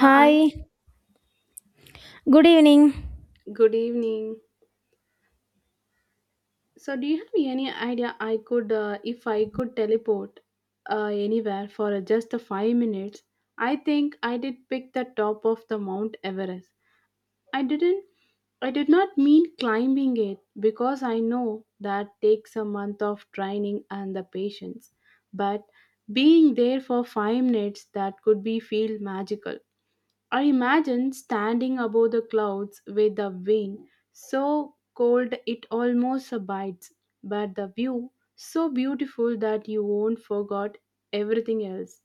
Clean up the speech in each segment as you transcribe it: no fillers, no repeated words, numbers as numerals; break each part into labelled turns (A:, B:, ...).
A: Hi,
B: good evening.
A: good evening. So, do you have any idea I could, if I could teleport anywhere for just 5 minutes? I think I did pick the top of the Mount Everest. I didn't. I did not mean climbing it because I know that takes a month of training and the patience. But being there for 5 minutes, that could be feel magical. I imagine standing above the clouds with the wind so cold it almost bites, but the view so beautiful that you won't forget everything else.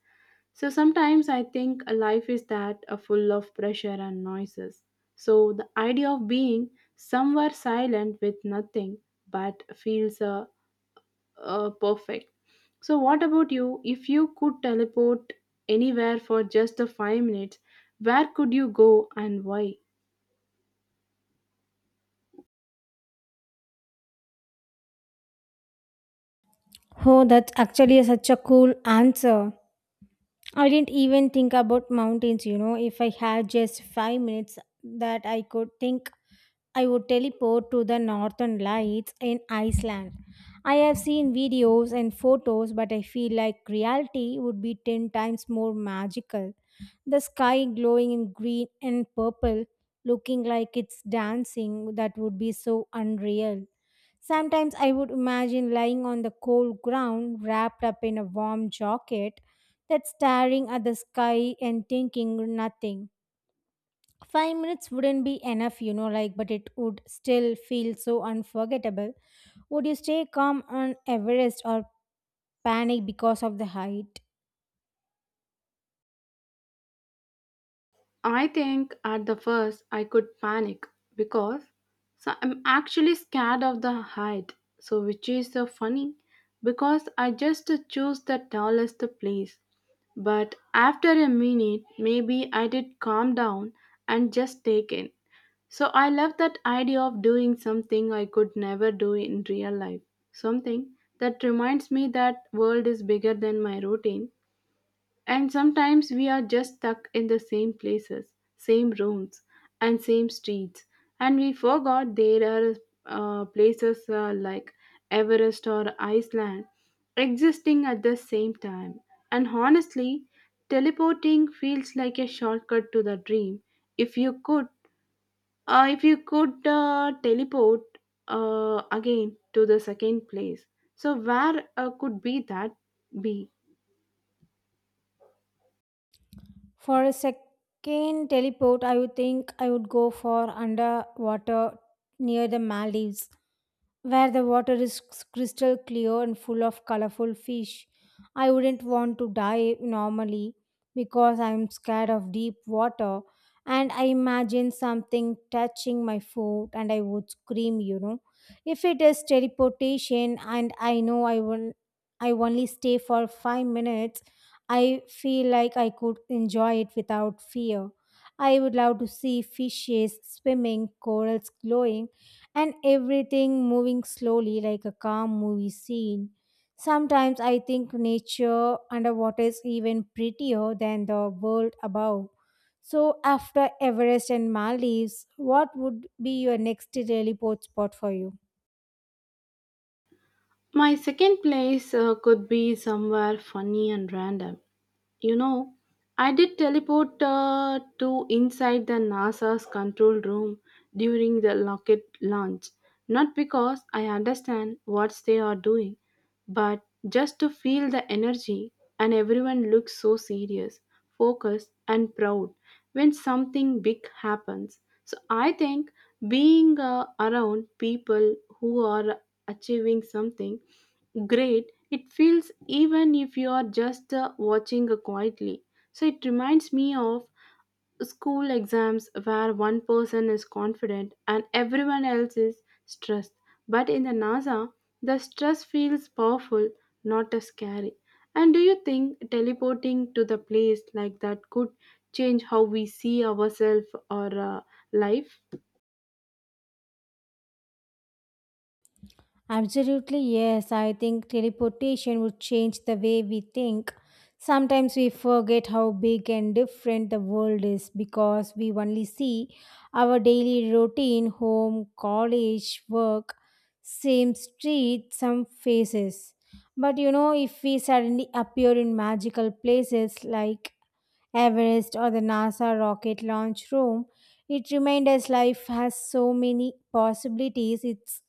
A: So sometimes I think life is that full of pressure and noises. So the idea of being somewhere silent with nothing but feels perfect. So, what about you? If you could teleport anywhere for just the 5 minutes, where could you go and why?
B: Oh, that's actually such a cool answer. I didn't even think about mountains, you know. If I had just 5 minutes that I could think, I would teleport to the northern lights in Iceland. I have seen videos and photos, but I feel like reality would be 10 times more magical. The sky glowing in green and purple, looking like it's dancing, that would be so unreal. Sometimes I would imagine lying on the cold ground, wrapped up in a warm jacket, that staring at the sky and thinking nothing. 5 minutes wouldn't be enough, you know, like, but it would still feel so unforgettable. Would you stay calm on Everest or panic because of the height?
A: I think at the first I could panic because so I'm actually scared of the height. So, which is so funny because I just choose the tallest place. But after a minute, maybe I did calm down and just take in. So I love that idea of doing something I could never do in real life. Something that reminds me that world is bigger than my routine, and sometimes we are just stuck in the same places, same rooms and same streets and we forgot there are places like Everest or Iceland existing at the same time. And honestly, teleporting feels like a shortcut to the dream. If you could teleport again to the second place, so where could be that be?
B: For a second teleport, I would think I would go for underwater near the Maldives, where the water is crystal clear and full of colorful fish. I wouldn't want to dive normally because I'm scared of deep water, and I imagine something touching my foot and I would scream, you know. If it is teleportation and I know I only stay for 5 minutes, I feel like I could enjoy it without fear. I would love to see fishes swimming, corals glowing, and everything moving slowly like a calm movie scene. Sometimes I think nature underwater is even prettier than the world above. So, after Everest and Maldives, what would be your next teleport spot for you?
A: My second place could be somewhere funny and random. You know, I did teleport to inside the NASA's control room during the rocket launch. Not because I understand what they are doing, but just to feel the energy, and everyone looks so serious, focused, and proud when something big happens. So I think being around people who are achieving something great it feels even if you are just watching quietly, so it reminds me of school exams where one person is confident and everyone else is stressed, but in the nasa the stress feels powerful, not as scary. And do you think teleporting to the place like that could change how we see ourselves or life?
B: Absolutely, yes. I think teleportation would change the way we think. Sometimes we forget how big and different the world is because we only see our daily routine, home, college, work, same street, some faces. But you know, if we suddenly appear in magical places like Everest or the NASA rocket launch room, it reminds us life has so many possibilities. It's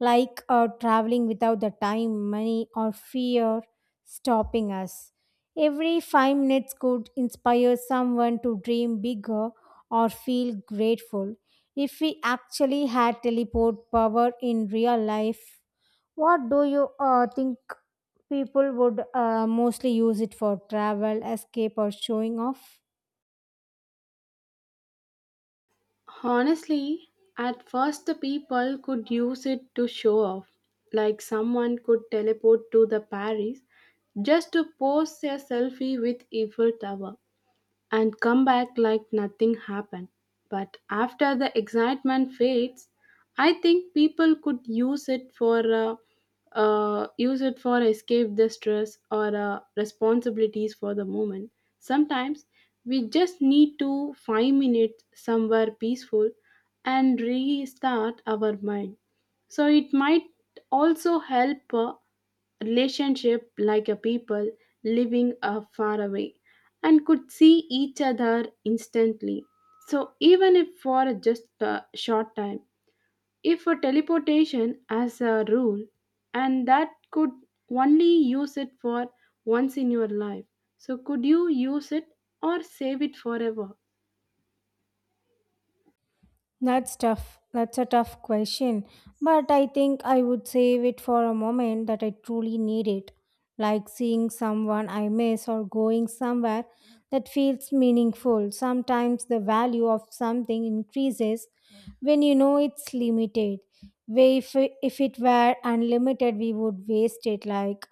B: like traveling without the time, money, or fear stopping us. Every 5 minutes could inspire someone to dream bigger or feel grateful. If we actually had teleport power in real life, what do you think people would mostly use it for, travel, escape, or showing off?
A: Honestly, at first the people could use it to show off, like someone could teleport to the Paris just to post a selfie with Eiffel Tower and come back like nothing happened. But after the excitement fades, I think people could use it for escape the stress or responsibilities for the moment. Sometimes we just need to 5 minutes somewhere peaceful and restart our mind. So it might also help. Relationship like a people living far away and could see each other instantly. So, even if for just a short time, if a teleportation as a rule, and that could only use it for once in your life. So, could you use it or save it forever?
B: That's tough. That's a tough question. But I think I would save it for a moment that I truly need it. Like seeing someone I miss or going somewhere that feels meaningful. Sometimes the value of something increases when you know it's limited. Way- If, if it were unlimited, we would waste it. Like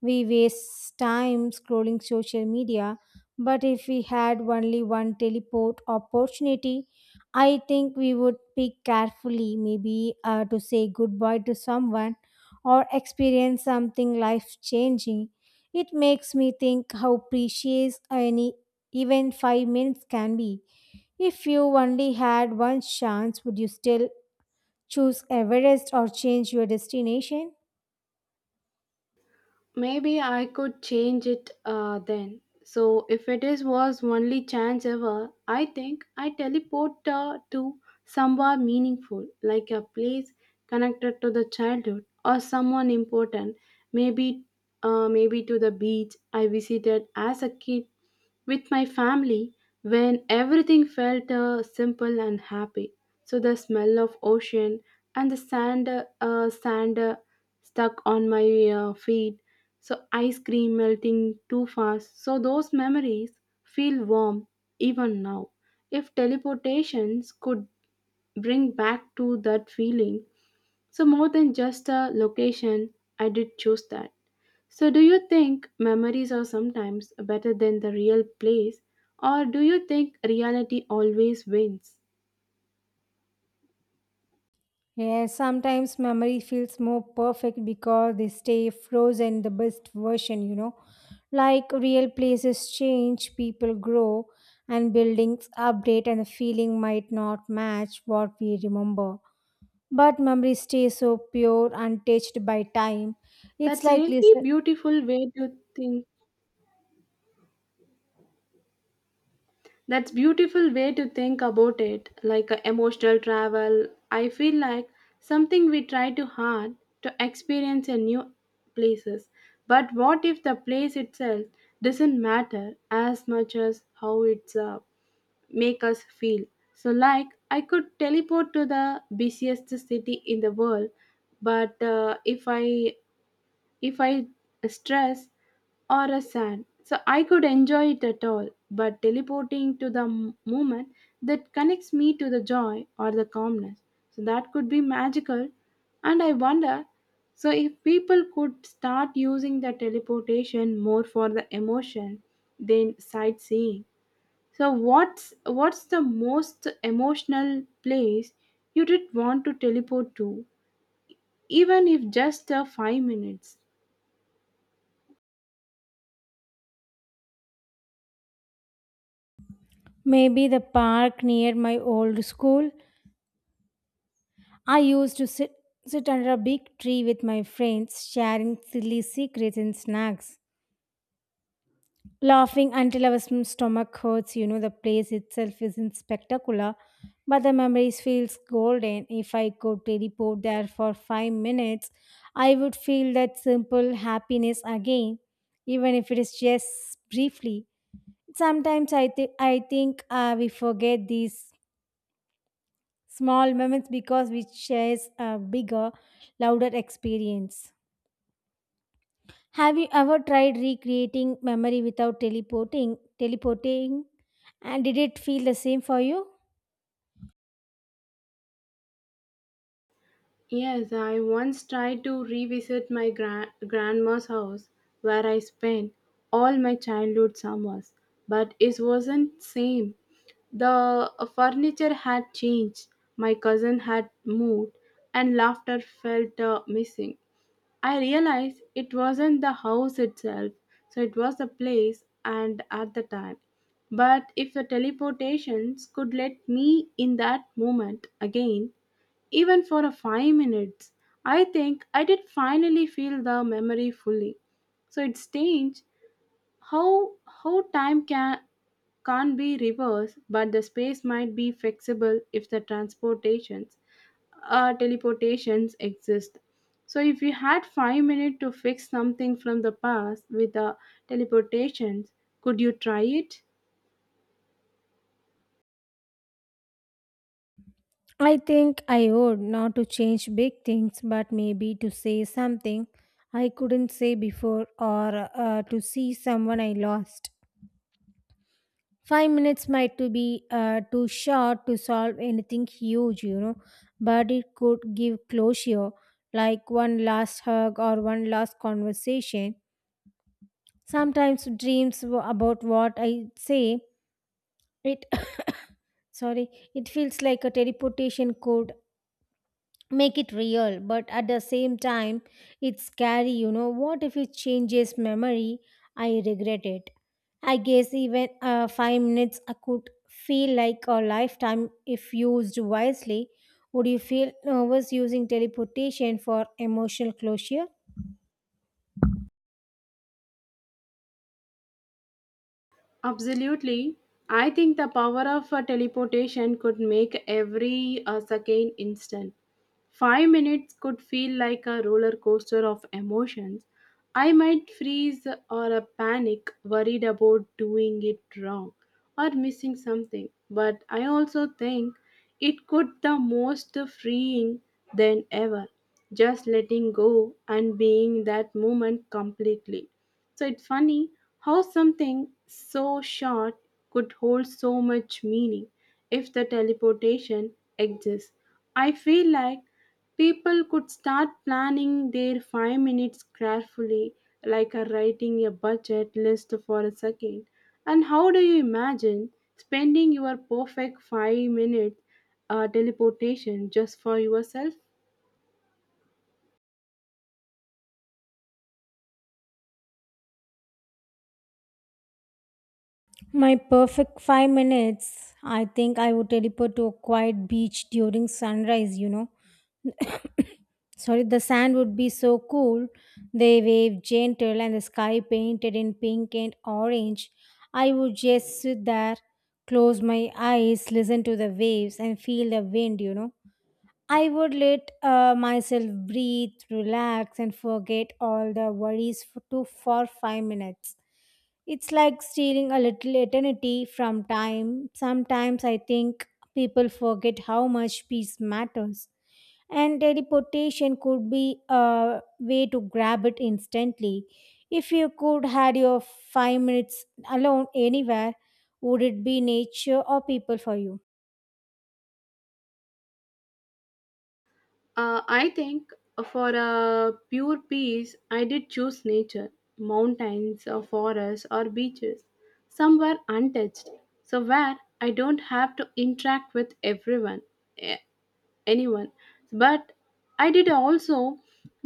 B: we waste time scrolling social media. But if we had only one teleport opportunity, I think we would pick carefully, maybe to say goodbye to someone or experience something life changing. It makes me think how precious any even 5 minutes can be. If you only had one chance, would you still choose Everest or change your destination?
A: Maybe I could change it then. So if it is was only chance ever, I think I teleport to somewhere meaningful, like a place connected to the childhood or someone important. Maybe, maybe to the beach I visited as a kid with my family when everything felt simple and happy, so the smell of ocean and the sand stuck on my feet, so ice cream melting too fast, so those memories feel warm even now. If teleportations could bring back to that feeling, so more than just a location, I did choose that. So do you think memories are sometimes better than the real place, or do you think reality always wins?
B: Yeah, sometimes memory feels more perfect because they stay frozen the best version, you know. Like real places change, people grow, and buildings update, and the feeling might not match what we remember. But memory stays so pure, untouched by time. It's
A: That's
B: like
A: really
B: listen,
A: beautiful way to think. That's beautiful way to think about it, like a emotional travel. I feel like something we try too hard to experience in new places. But what if the place itself doesn't matter as much as how it's make us feel? So like I could teleport to the busiest city in the world, but if I stress or a sad. So I could enjoy it at all, but teleporting to the moment that connects me to the joy or the calmness. So that could be magical. And I wonder so if people could start using the teleportation more for the emotion than sightseeing. So what's the most emotional place you did want to teleport to, even if just 5 minutes?
B: maybe the park near my old school. I used to sit under a big tree with my friends, sharing silly secrets and snacks, laughing until our stomach hurts. You know, the place itself isn't spectacular, but the memories feels golden. If I could teleport there for 5 minutes, I would feel that simple happiness again, even if it is just briefly. Sometimes I think we forget these small moments because we chase a bigger, louder experience. Have you ever tried recreating memory without teleporting? Teleporting, and did it feel the same for you?
A: Yes, I once tried to revisit my grandma's house where I spent all my childhood summers, but it wasn't same. The furniture had changed, my cousin had moved, and laughter felt missing. I realized it wasn't the house itself, so it was the place and at the time. But if the teleportations could let me in that moment again, even for a 5 minutes, I think I did finally feel the memory fully. So it's strange how how time can't be reversed, but the space might be flexible if the transportations teleportations exist. So if you had 5 minutes to fix something from the past with the teleportations, could you try it?
B: I think I would not to change big things, but maybe to say something I couldn't say before or to see someone I lost. 5 minutes might to be too short to solve anything huge, you know, but it could give closure, like one last hug or one last conversation. Sometimes dreams about what I say it sorry, it feels like a teleportation could make it real, but at the same time it's scary, you know. What if it changes memory, I regret it? I guess even 5 minutes I could feel like a lifetime if used wisely. Would you feel nervous using teleportation for emotional closure?
A: Absolutely. I think the power of teleportation could make every second instant. 5 minutes could feel like a roller coaster of emotions. I might freeze or a panic, worried about doing it wrong or missing something. But I also think it could the most freeing than ever. Just letting go and being in that moment completely. So it's funny how something so short could hold so much meaning if the teleportation exists. I feel like people could start planning their 5 minutes carefully, like a writing a budget list for a second. And how do you imagine spending your perfect 5 minute teleportation just for yourself?
B: My perfect 5 minutes, I think I would teleport to a quiet beach during sunrise, you know. Sorry, the sand would be so cool. The wave gentle and the sky painted in pink and orange. I would just sit there, close my eyes, listen to the waves, and feel the wind, you know. I would let myself breathe, relax, and forget all the worries for two, for 5 minutes. It's like stealing a little eternity from time. Sometimes I think people forget how much peace matters, and teleportation could be a way to grab it instantly. If you could had your 5 minutes alone anywhere, would it be nature or people for you?
A: I think for a pure peace, I did choose nature, mountains, or forests, or beaches, somewhere untouched, so where I don't have to interact with everyone. Eh, Anyone, but I did also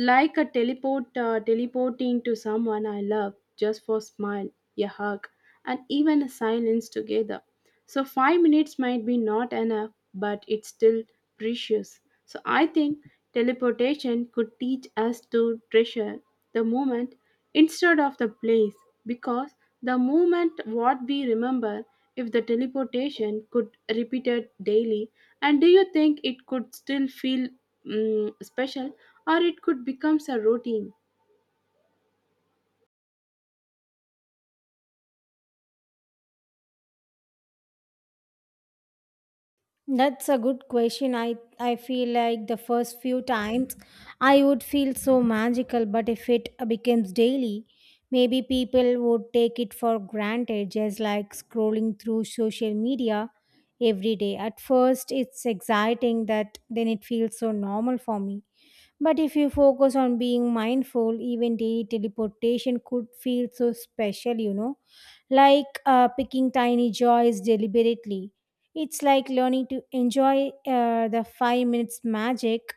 A: like a teleporting to someone I love just for smile, a hug and even a silence together. So 5 minutes might be not enough, but it's still precious. So I think teleportation could teach us to treasure the moment instead of the place, because the moment what we remember if the teleportation could repeat it daily. And do you think it could still feel special, or it could becomes a routine?
B: That's a good question. I feel like the first few times I would feel so magical, but if it becomes daily, maybe people would take it for granted, just like scrolling through social media every day. At first, it's exciting that then it feels so normal for me. But if you focus on being mindful, even daily teleportation could feel so special, you know, like picking tiny joys deliberately. It's like learning to enjoy the 5 minutes magic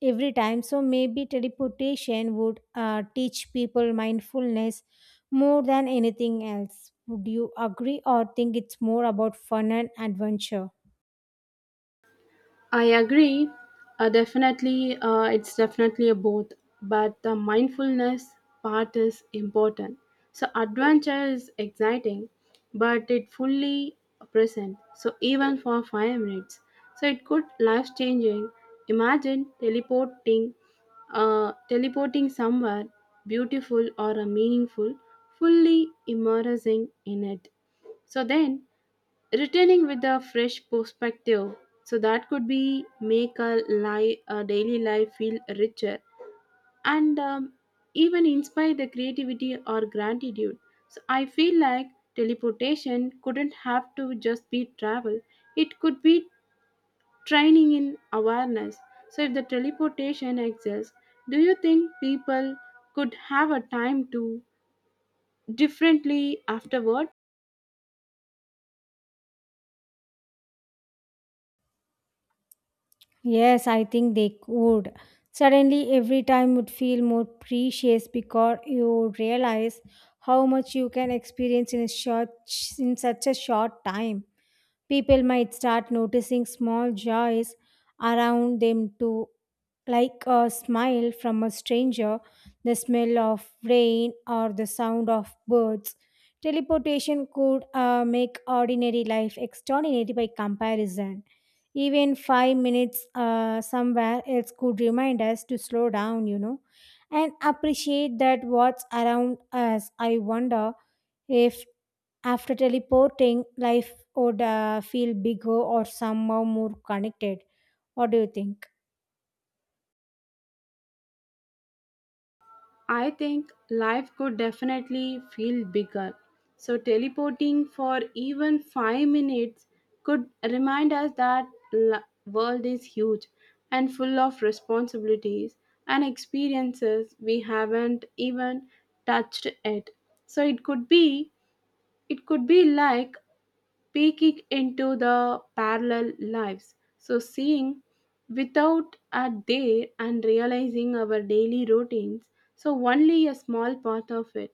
B: every time. So maybe teleportation would teach people mindfulness more than anything else. Would you agree or think it's more about fun and adventure?
A: I agree. It's definitely a both, but the mindfulness part is important. So adventure is exciting, but it fully present. So even for 5 minutes, so it could life changing. Imagine teleporting somewhere beautiful or a meaningful, fully immersing in it. So then returning with a fresh perspective, so that could be make a, a daily life feel richer and even inspire the creativity or gratitude. So I feel like teleportation couldn't have to just be travel, it could be training in awareness. So if the teleportation exists, do you think people could have a time to differently afterward?
B: Yes, I think they could. Suddenly, every time would feel more precious because you realize how much you can experience in a short, in such a short time. People might start noticing small joys around them too, like a smile from a stranger, the smell of rain, or the sound of birds. Teleportation could make ordinary life extraordinary by comparison. Even 5 minutes somewhere else could remind us to slow down, you know, and appreciate that what's around us. I wonder if after teleporting, life would feel bigger or somehow more connected. What do you think?
A: I think life could definitely feel bigger. So, teleporting for even 5 minutes could remind us that the world is huge and full of responsibilities and experiences we haven't even touched yet. So, it could be like peeking into the parallel lives. So, seeing without a day and realizing our daily routines, so only a small part of it.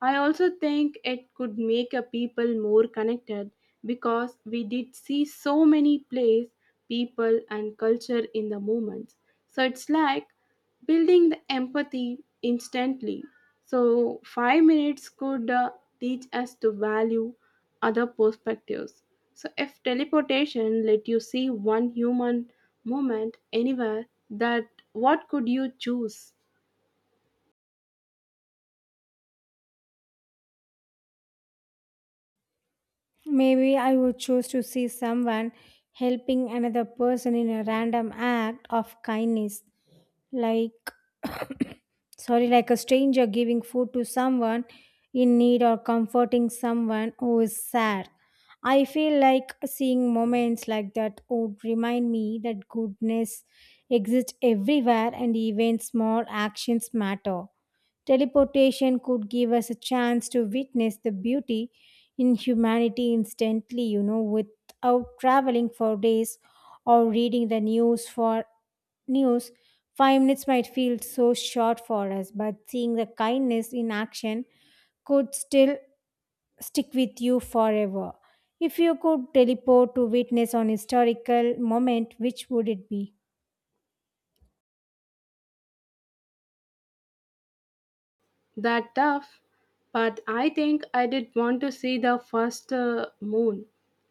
A: I also think it could make a people more connected because we did see so many plays, people, and culture in the moments. So it's like building the empathy instantly. So 5 minutes could teach us to value other perspectives. So, if teleportation let you see one human moment anywhere, that what could you choose?
B: Maybe I would choose to see someone helping another person in a random act of kindness, like sorry, like a stranger giving food to someone in need or comforting someone who is sad. I feel like seeing moments like that would remind me that goodness exists everywhere and even small actions matter. Teleportation could give us a chance to witness the beauty in humanity instantly, you know, without traveling for days or reading the news. 5 minutes might feel so short for us, but seeing the kindness in action could still stick with you forever. If you could teleport to witness an historical moment, which would it be?
A: That tough, but I think I did want to see the first moon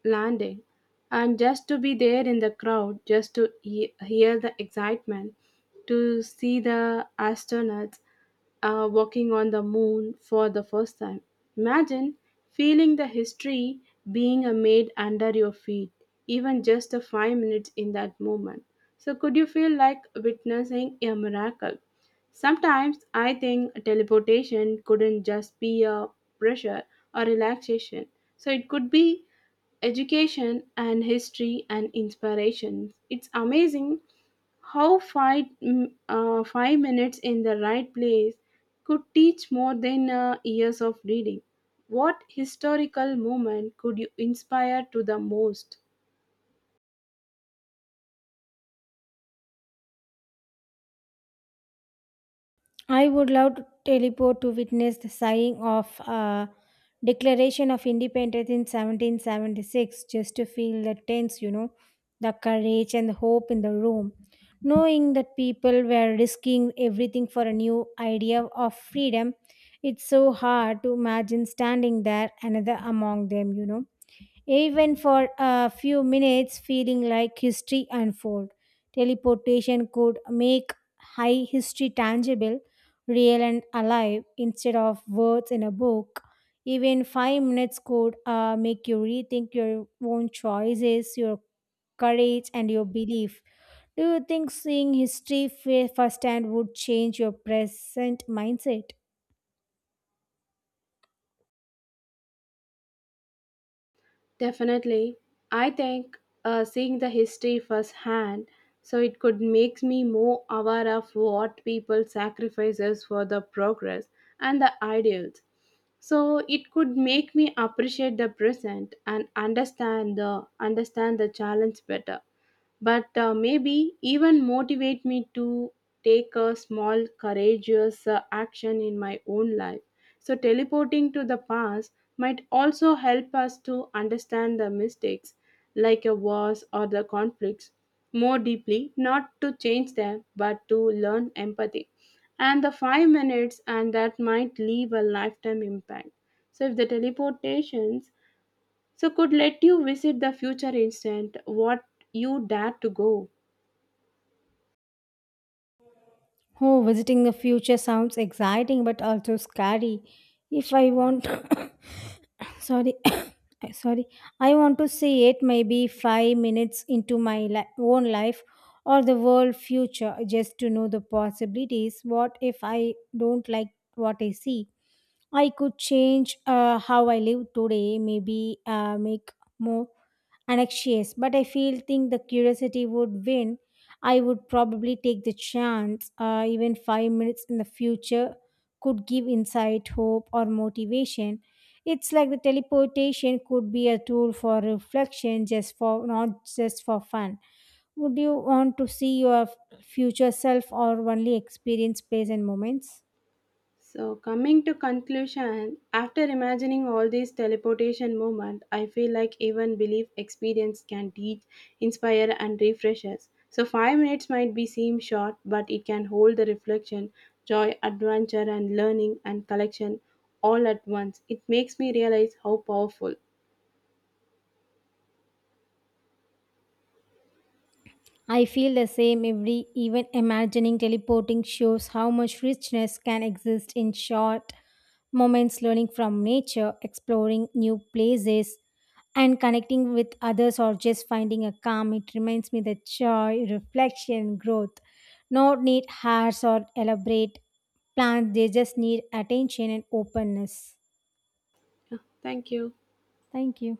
A: landing and just to be there in the crowd, just to hear the excitement, to see the astronauts walking on the moon for the first time. Imagine feeling the history being made under your feet, even just a 5 minutes in that moment. So, could you feel like witnessing a miracle? Sometimes I think teleportation couldn't just be a pressure or relaxation. So it could be education and history and inspiration. It's amazing how 5 minutes in the right place could teach more than years of reading. What historical moment could you inspire to the most?
B: I would love to teleport to witness the signing of Declaration of Independence in 1776 just to feel the tense, you know, the courage and the hope in the room. Knowing that people were risking everything for a new idea of freedom, it's so hard to imagine standing there, another among them, you know, even for a few minutes feeling like history unfold. Teleportation could make high history tangible, real and alive instead of words in a book. Even 5 minutes could make you rethink your own choices, your courage and your belief. Do you think seeing history firsthand would change your present mindset?
A: Definitely. I think seeing the history firsthand, so it could makes me more aware of what people sacrifices for the progress and the ideals. So it could make me appreciate the present and understand the challenge better, but maybe even motivate me to take a small courageous action in my own life. So teleporting to the past might also help us to understand the mistakes, like a wars or the conflicts, more deeply, not to change them but to learn empathy. And the 5 minutes and that might leave a lifetime impact. So if the teleportations so could let you visit the future instant, what you dare to go?
B: Oh, visiting the future sounds exciting but also scary. If I want, sorry, sorry, I want to see it maybe 5 minutes into my own life or the world future just to know the possibilities. What if I don't like what I see? I could change how I live today, maybe make more anxious, but I feel think the curiosity would win. I would probably take the chance, even 5 minutes in the future could give insight, hope, or motivation. It's like the teleportation could be a tool for reflection, just for not just for fun. Would you want to see your future self or only experience place and moments?
A: So coming to conclusion, after imagining all these teleportation moments I feel like even belief experience can teach, inspire and refresh us. So 5 minutes might be seem short, but it can hold the reflection, joy, adventure and learning and collection all at once. It makes me realize how powerful.
B: I feel the same every even imagining teleporting shows how much richness can exist in short moments learning from nature, exploring new places and connecting with others or just finding a calm. It reminds me that joy, reflection, growth not need hairs or elaborate plans. They just need attention and openness.
A: Yeah, thank you.
B: Thank you.